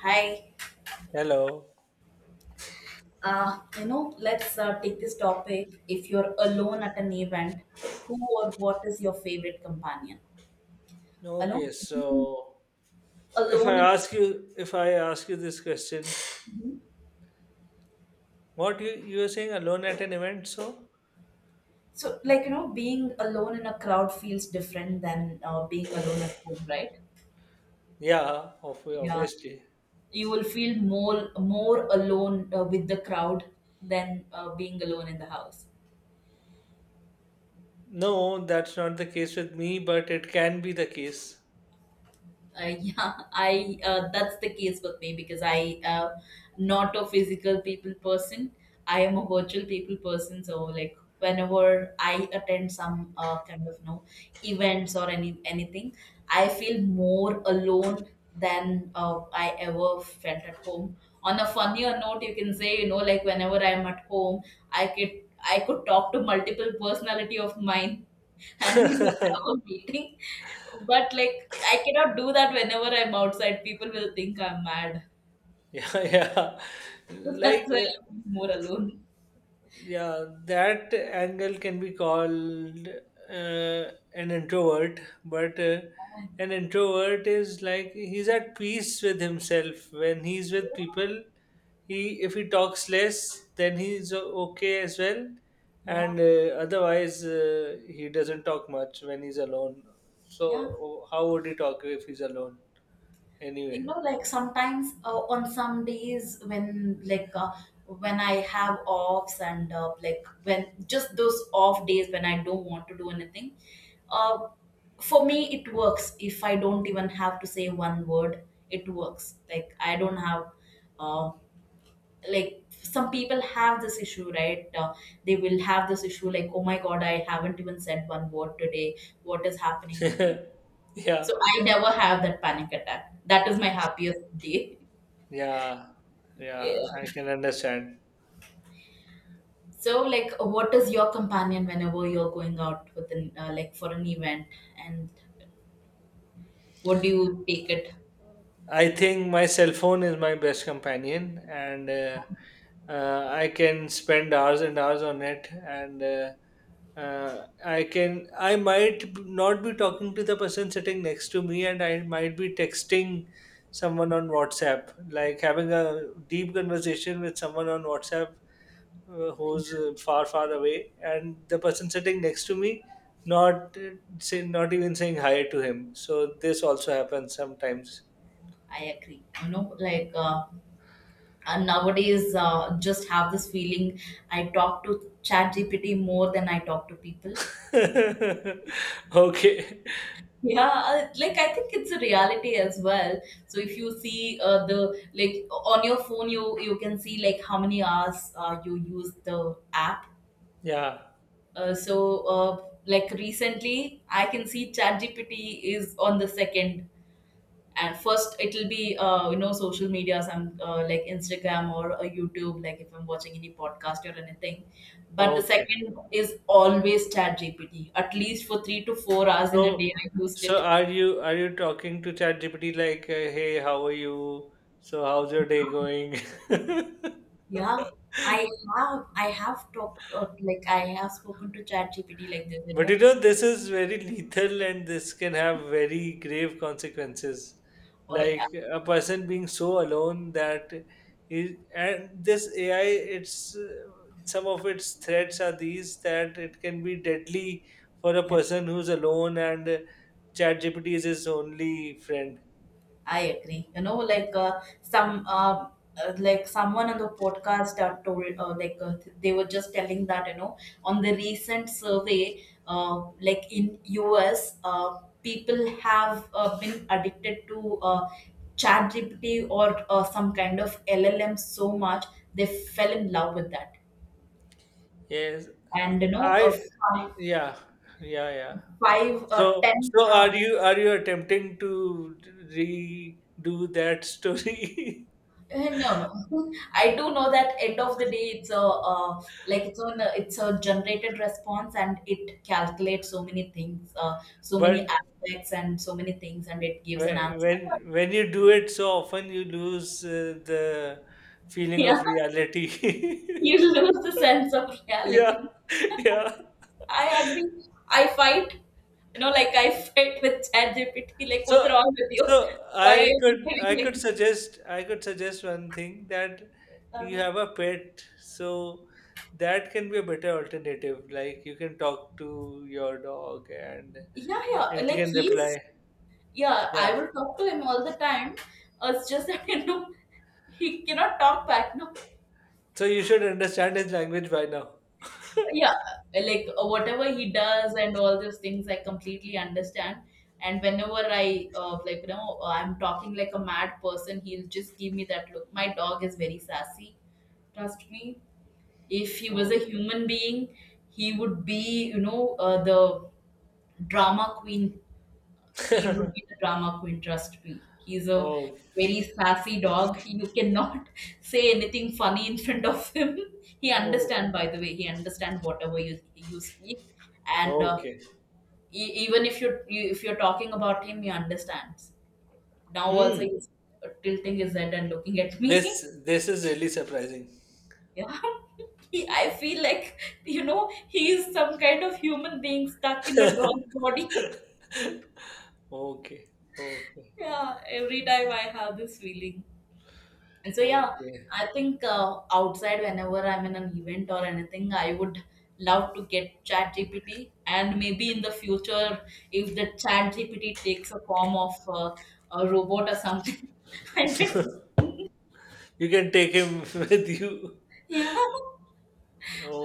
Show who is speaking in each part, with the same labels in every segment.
Speaker 1: Hi,
Speaker 2: Hello.
Speaker 1: let's take this topic. If you're alone at an event, who or what is your favorite companion? Alone,
Speaker 2: Okay,
Speaker 1: being
Speaker 2: so
Speaker 1: alone in.
Speaker 2: if I ask you this question,
Speaker 1: Mhm.
Speaker 2: what you were saying alone at an event? So
Speaker 1: So like being alone in a crowd feels different than being alone at home, right?
Speaker 2: yeah, of
Speaker 1: Yeah,
Speaker 2: obviously.
Speaker 1: you will feel more alone with the crowd than being alone in the house.
Speaker 2: No, that's not the case with me, but it can be the case.
Speaker 1: Yeah, I that's the case with me because I am not a physical people person. I am a virtual people person. So like whenever I attend some kind of no events or anything, I feel more alone than I ever felt at home. On a funnier note, you can say like whenever I'm at home, I could I could talk to multiple personality of mine and have a meeting, but like I cannot do that whenever I'm outside. People will think I'm mad.
Speaker 2: Yeah, yeah.
Speaker 1: So
Speaker 2: Like
Speaker 1: that's why
Speaker 2: uh,
Speaker 1: I'm more alone.
Speaker 2: Yeah, that angle can be called an introvert, but an introvert is like he's at peace with himself. When he's with people, he if he talks less, then he's okay as well,
Speaker 1: Yeah,
Speaker 2: and otherwise he doesn't talk much when he's alone.
Speaker 1: yeah.
Speaker 2: So how would he talk if he's alone
Speaker 1: You
Speaker 2: anyway?
Speaker 1: know, like sometimes on some days when I have offs and like when just those off days when I don't want to do anything, uh, for me it works. If I don't even have to say one word, it works. Like I don't have. uh. Like some people have this issue, right? They will have this issue like, oh my god, I haven't even said one word today, what is happening with me?
Speaker 2: Yeah,
Speaker 1: So I never have that panic attack. That is my happiest day.
Speaker 2: yeah, yeah.
Speaker 1: Yeah.
Speaker 2: I can understand.
Speaker 1: So like what is your companion whenever you're going out with an like for an event, and what do you take it?
Speaker 2: I think my cell phone is my best companion, and I can spend hours and hours on it. And I might not be talking to the person sitting next to me, and I might be texting someone on WhatsApp, like having a deep conversation with someone on WhatsApp who's far, far away, and the person sitting next to me not say, not even saying hi to him. So this also happens sometimes.
Speaker 1: I agree, nowadays just have this feeling. I talk to chat gpt more than I talk to people.
Speaker 2: Okay.
Speaker 1: Yeah, like I think it's a reality as well. So if you see the like on your phone, you can see like how many hours you use the app.
Speaker 2: Yeah,
Speaker 1: Like recently, I can see ChatGPT is on the second, and first it'll be social media, some like Instagram or YouTube. Like if I'm watching any podcast or anything, but the
Speaker 2: okay.
Speaker 1: second is always ChatGPT. At least for 3 to 4 hours
Speaker 2: so
Speaker 1: in a day, I used
Speaker 2: so
Speaker 1: it.
Speaker 2: are you talking to ChatGPT like, "Hey, how are you? So how's your day going?"
Speaker 1: Yeah, I have talked or like I have spoken to ChatGPT like this, you
Speaker 2: But
Speaker 1: know.
Speaker 2: you know, this is very lethal and this can have very grave consequences.
Speaker 1: Or yeah,
Speaker 2: Like a person being so alone that and this AI, it's some of its threats are these that it can be deadly for a
Speaker 1: yeah,
Speaker 2: person who's alone and ChatGPT is his only friend.
Speaker 1: I agree. You know, like someone on the podcast told they were just telling that, you know, on the recent survey, like in US, people have been addicted to ChatGPT or some kind of LLM so much they fell in love with that
Speaker 2: Yes,
Speaker 1: and you know
Speaker 2: I, yeah, yeah, yeah.
Speaker 1: five
Speaker 2: So,
Speaker 1: ten
Speaker 2: so are you attempting to redo that story?
Speaker 1: eh, no, no. I do know that end of the day it's a it's a generated response and it calculates so many things, so many
Speaker 2: But
Speaker 1: aspects and so many things, and it gives an answer
Speaker 2: When
Speaker 1: but
Speaker 2: when you do it so often you lose the feeling
Speaker 1: yeah.
Speaker 2: of reality.
Speaker 1: You lose the sense of reality.
Speaker 2: Yeah. Yeah.
Speaker 1: I agree. I fight You know like I fight with ChatGPT. Like
Speaker 2: so
Speaker 1: what's wrong with you?
Speaker 2: so
Speaker 1: Why are
Speaker 2: i
Speaker 1: you
Speaker 2: could
Speaker 1: behaving
Speaker 2: i
Speaker 1: like
Speaker 2: could
Speaker 1: this?
Speaker 2: suggest one thing, that you
Speaker 1: Uh,
Speaker 2: have a pet, so that can be a better alternative. Like you can talk to your dog and
Speaker 1: yeah yeah
Speaker 2: it
Speaker 1: like
Speaker 2: can
Speaker 1: he's
Speaker 2: reply.
Speaker 1: Yeah, I
Speaker 2: Yeah,
Speaker 1: will talk to him all the time. It's just that you know he cannot talk back. No,
Speaker 2: so you should understand his language by now.
Speaker 1: yeah, like whatever he does and all those things, I completely understand. And whenever I'm talking like a mad person, he'll just give me that look. My dog is very sassy. Trust me, if he was a
Speaker 2: Oh.
Speaker 1: human being, he would be you know the drama queen. He would be the drama queen, trust me. He's a
Speaker 2: Oh.
Speaker 1: very sassy dog. You cannot say anything funny in front of him. He
Speaker 2: Oh.
Speaker 1: understand, by the way, he understand whatever you speak, and uh,
Speaker 2: Okay.
Speaker 1: e- even if you're talking about him, he understands. Now
Speaker 2: Hmm.
Speaker 1: also he's tilting his head and looking at me.
Speaker 2: This is really surprising.
Speaker 1: Yeah, I feel like, you know, he is some kind of human being stuck in a dog body.
Speaker 2: Okay, okay,
Speaker 1: Yeah, every time I have this feeling. And so, yeah,
Speaker 2: okay.
Speaker 1: I think outside, whenever I'm in an event or anything, I would love to get Chat GPT. And maybe in the future, if the Chat GPT takes a form of a robot or something, I might,
Speaker 2: You can take him with you.
Speaker 1: yeah.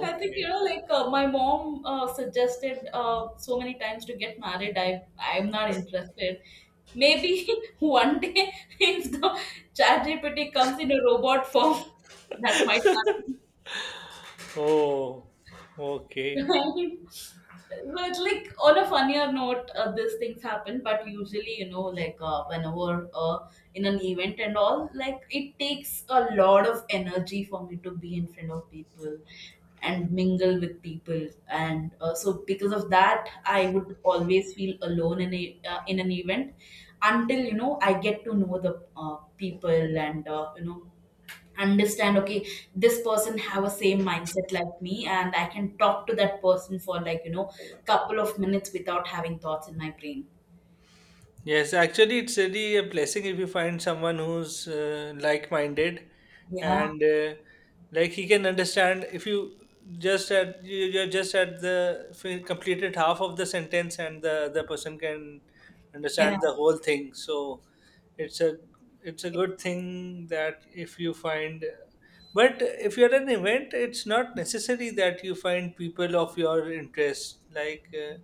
Speaker 1: I think, you know, like my mom suggested so many times to get married. I'm not interested. Maybe one day, if the ChatGPT comes in a robot form, that might happen.
Speaker 2: Oh, okay.
Speaker 1: Right. But like on a funnier note, these things happen. But usually, you know, like whenever in an event and all, like it takes a lot of energy for me to be in front of people and mingle with people. And so because of that, I would always feel alone in a in an event until, you know, I get to know the people and, you know, understand, okay, this person have a same mindset like me and I can talk to that person for like, you know, couple of minutes without having thoughts in my brain.
Speaker 2: Yes, actually, it's really a blessing if you find someone who's like-minded,
Speaker 1: Yeah,
Speaker 2: and like he can understand. If you you're just at the completed half of the sentence, and the other person can
Speaker 1: yeah,
Speaker 2: understand the whole thing. So it's a it's a good thing that if you find, but if you're at an event it's not necessary that you find people of your interest.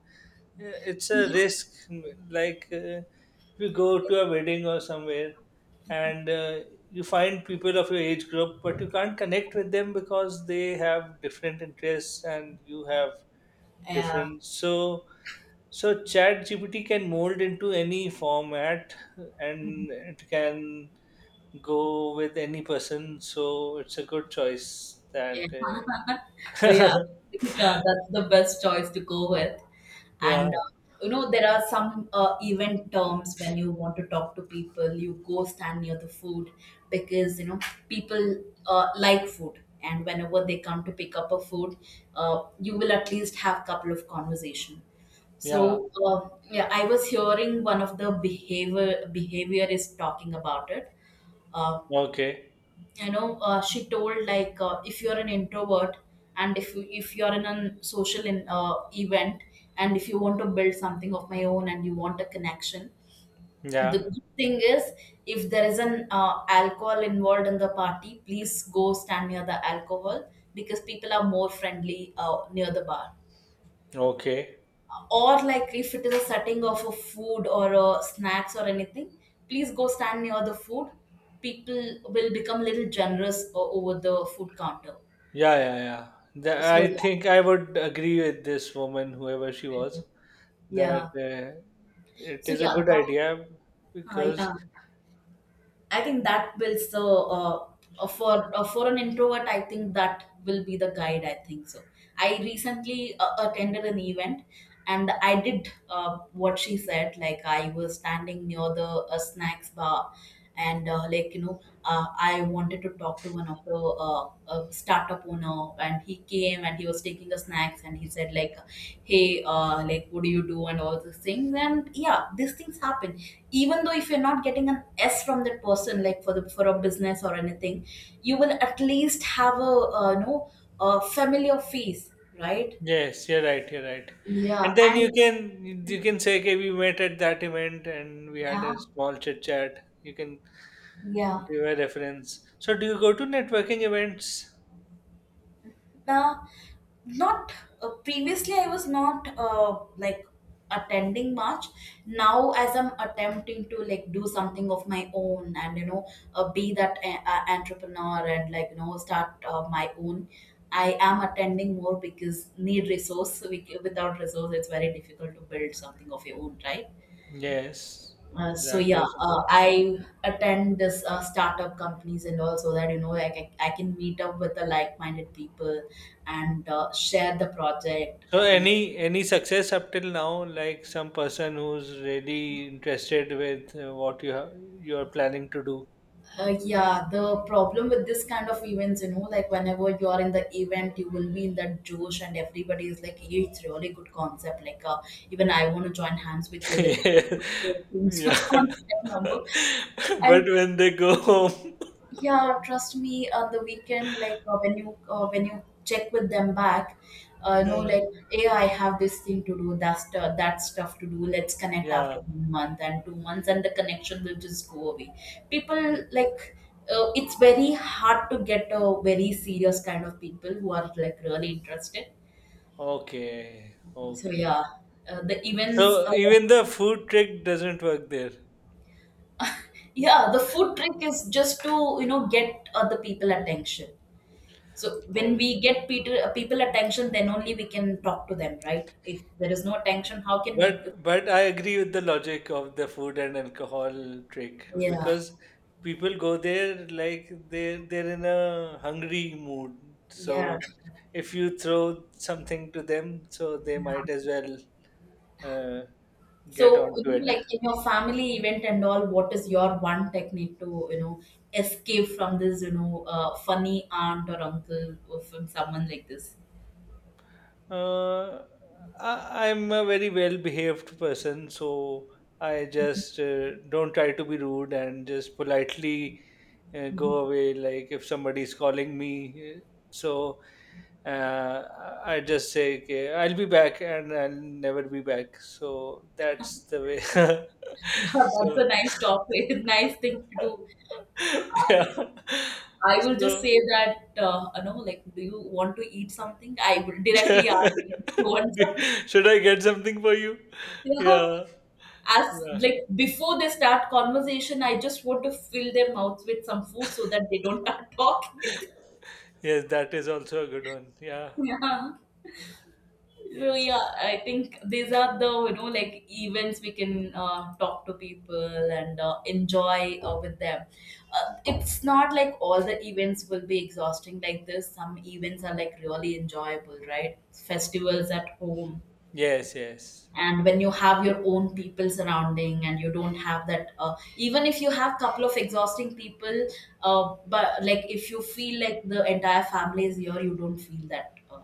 Speaker 2: Yeah, it's a
Speaker 1: yeah,
Speaker 2: risk. like uh, if you go to a wedding or somewhere and you find people of your age group, but you can't connect with them because they have different interests and you have different. So ChatGPT can mold into any format and it can go with any person. So it's a good choice
Speaker 1: yeah.
Speaker 2: that
Speaker 1: So yeah, I think that's the best choice to go with.
Speaker 2: yeah,
Speaker 1: And you know, there are some event terms when you want to talk to people, you go stand near the food because you know people like food, and whenever they come to pick up a food, you will at least have couple of conversation.
Speaker 2: yeah.
Speaker 1: So yeah, I was hearing one of the behaviorist talking about it. Uh,
Speaker 2: Okay.
Speaker 1: you know, she told like, if you're an introvert and if you're in a social event, and if you want to build something of my own and you want a connection, the
Speaker 2: Yeah.
Speaker 1: good thing is, if there is an alcohol involved in the party, please go stand near the alcohol because people are more friendly near the bar.
Speaker 2: Okay.
Speaker 1: Or like if it is a setting of a food or a snacks or anything, please go stand near the food. People will become little generous over the food counter.
Speaker 2: Yeah, yeah, yeah. The,
Speaker 1: So
Speaker 2: I
Speaker 1: yeah,
Speaker 2: think I would agree with this woman, whoever she was, that
Speaker 1: yeah,
Speaker 2: it
Speaker 1: so
Speaker 2: is a
Speaker 1: yeah
Speaker 2: good
Speaker 1: that,
Speaker 2: idea, because
Speaker 1: yeah. I think that builds the for an introvert. I think that will be the guide. I think so. I recently attended an event, and I did what she said. Like I was standing near the snacks bar, and like, you know, I wanted to talk to one of the startup owner, and he came and he was taking the snacks, and he said like, "Hey, like, what do you do?" and all these things. And yeah, these things happen. Even though if you're not getting an s from that person, like for the for a business or anything, you will at least have a, you know, a familiar face, right?
Speaker 2: yes, you're right. You're right.
Speaker 1: Yeah.
Speaker 2: And then
Speaker 1: And
Speaker 2: you can say, "Okay, we met at that event and we had a
Speaker 1: yeah,
Speaker 2: small chit chat." You can
Speaker 1: yeah,
Speaker 2: give a reference. So, do you go to networking events?
Speaker 1: now, not previously I was not like attending much. Now as I'm attempting to like do something of my own and, you know, be that entrepreneur and, like, you know, start my own, I am attending more because need resource. Without resource it's very difficult to build something of your own, right?
Speaker 2: Yes,
Speaker 1: So
Speaker 2: that
Speaker 1: yeah,
Speaker 2: is.
Speaker 1: I attend this startup companies and all so that, you know, I can meet up with the like-minded people and share the project
Speaker 2: So,
Speaker 1: and
Speaker 2: any success up till now? Like some person who's really interested with what you have, you are planning to do.
Speaker 1: yeah. The problem with this kind of events, you know, like whenever you are in the event, you will be in that Josh, and everybody is like, hey, it's really good concept. Like, even I want to join hands with you. Let's
Speaker 2: Yeah,
Speaker 1: create a
Speaker 2: yeah.
Speaker 1: contact number.
Speaker 2: But
Speaker 1: And
Speaker 2: when they go home,
Speaker 1: yeah, trust me. On the weekend, like when you check with them back, you know,
Speaker 2: yeah,
Speaker 1: like, hey, I have this thing to do, that stuff to do. Let's connect after
Speaker 2: yeah.
Speaker 1: one month and two months, and the connection will just go away. People like, it's very hard to get a very serious kind of people who are like really interested.
Speaker 2: Okay,
Speaker 1: So
Speaker 2: okay.
Speaker 1: yeah, the events.
Speaker 2: So even the food trick doesn't work there.
Speaker 1: Yeah, the food trick is just to, you know, get other people attention. So when
Speaker 2: Oh.
Speaker 1: we get Peter, people attention, then only we can talk to them, right? If there is no attention, how can we?
Speaker 2: But I agree with the logic of the food and alcohol trick,
Speaker 1: Yeah,
Speaker 2: because people go there like they're in a hungry mood.
Speaker 1: yeah,
Speaker 2: So if you throw something to them, so they might
Speaker 1: yeah.
Speaker 2: as well uh, get
Speaker 1: So you
Speaker 2: onto
Speaker 1: know,
Speaker 2: it.
Speaker 1: like in your family event and all, what is your one technique to, you know, escape from this, you know, funny aunt or uncle or from someone like this?
Speaker 2: Uh, I'm a very well behaved person, so I just don't try to be rude and just politely
Speaker 1: Mhm.
Speaker 2: go away. Like if somebody's calling me, so uh, I just say, okay, I'll be back and I'll never be back. So that's the way.
Speaker 1: Yeah, that's
Speaker 2: So,
Speaker 1: a nice topic, nice thing to do. I,
Speaker 2: yeah.
Speaker 1: I will just
Speaker 2: So,
Speaker 1: say that, you know, like, do you want to eat something? I will directly ask if you want something.
Speaker 2: should I get something for you?
Speaker 1: Yeah.
Speaker 2: Yeah,
Speaker 1: As
Speaker 2: yeah.
Speaker 1: like before they start conversation, I just want to fill their mouths with some food so that they don't start talking.
Speaker 2: Yes, that is also a good one. Yeah,
Speaker 1: Yeah. So yeah,
Speaker 2: yes.
Speaker 1: I think these are the, you know, like events we can talk to people and enjoy with them. It's not like all the events will be exhausting like this. Some events are like really enjoyable, right? Festivals at home,
Speaker 2: Yes, yes.
Speaker 1: and when you have your own people surrounding and you don't have that, even if you have couple of exhausting people, but like if you feel like the entire family is here, you don't feel that,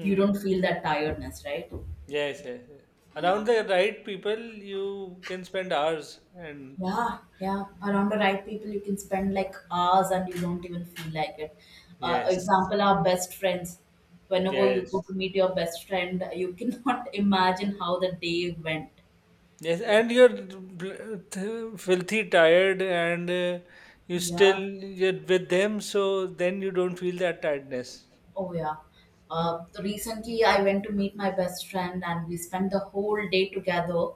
Speaker 1: you don't feel that tiredness, right?
Speaker 2: Yes, yes, yes.
Speaker 1: Yeah,
Speaker 2: Around the right people, you can spend hours and
Speaker 1: yeah, yeah, around the right people you can spend like hours and you don't even feel like it.
Speaker 2: yes,
Speaker 1: Example, our best friends. Whenever you go to
Speaker 2: yes,
Speaker 1: meet your best friend, you cannot imagine how the day went.
Speaker 2: yes. And you're filthy tired, and you still
Speaker 1: Yeah.
Speaker 2: you're with them, so then you don't feel that tiredness.
Speaker 1: Oh yeah. Recently, I went to meet my best friend, and we spent the whole day together.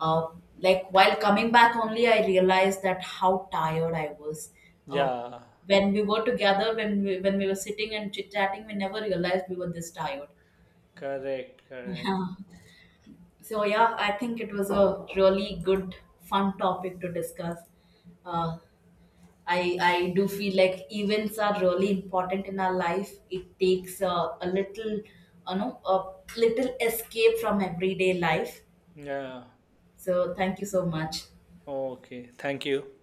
Speaker 1: Uh, like while coming back, only I realized that how tired I was. Uh,
Speaker 2: Yeah,
Speaker 1: when we were together, when we were sitting and chit chatting, we never realized we were this tired.
Speaker 2: correct, correct.
Speaker 1: Yeah. So yeah, I think it was a really good, fun topic to discuss. Uh, I do feel like events are really important in our life. It takes a little, you know, a little escape from everyday life.
Speaker 2: Yeah.
Speaker 1: So thank you so much.
Speaker 2: Okay, thank you.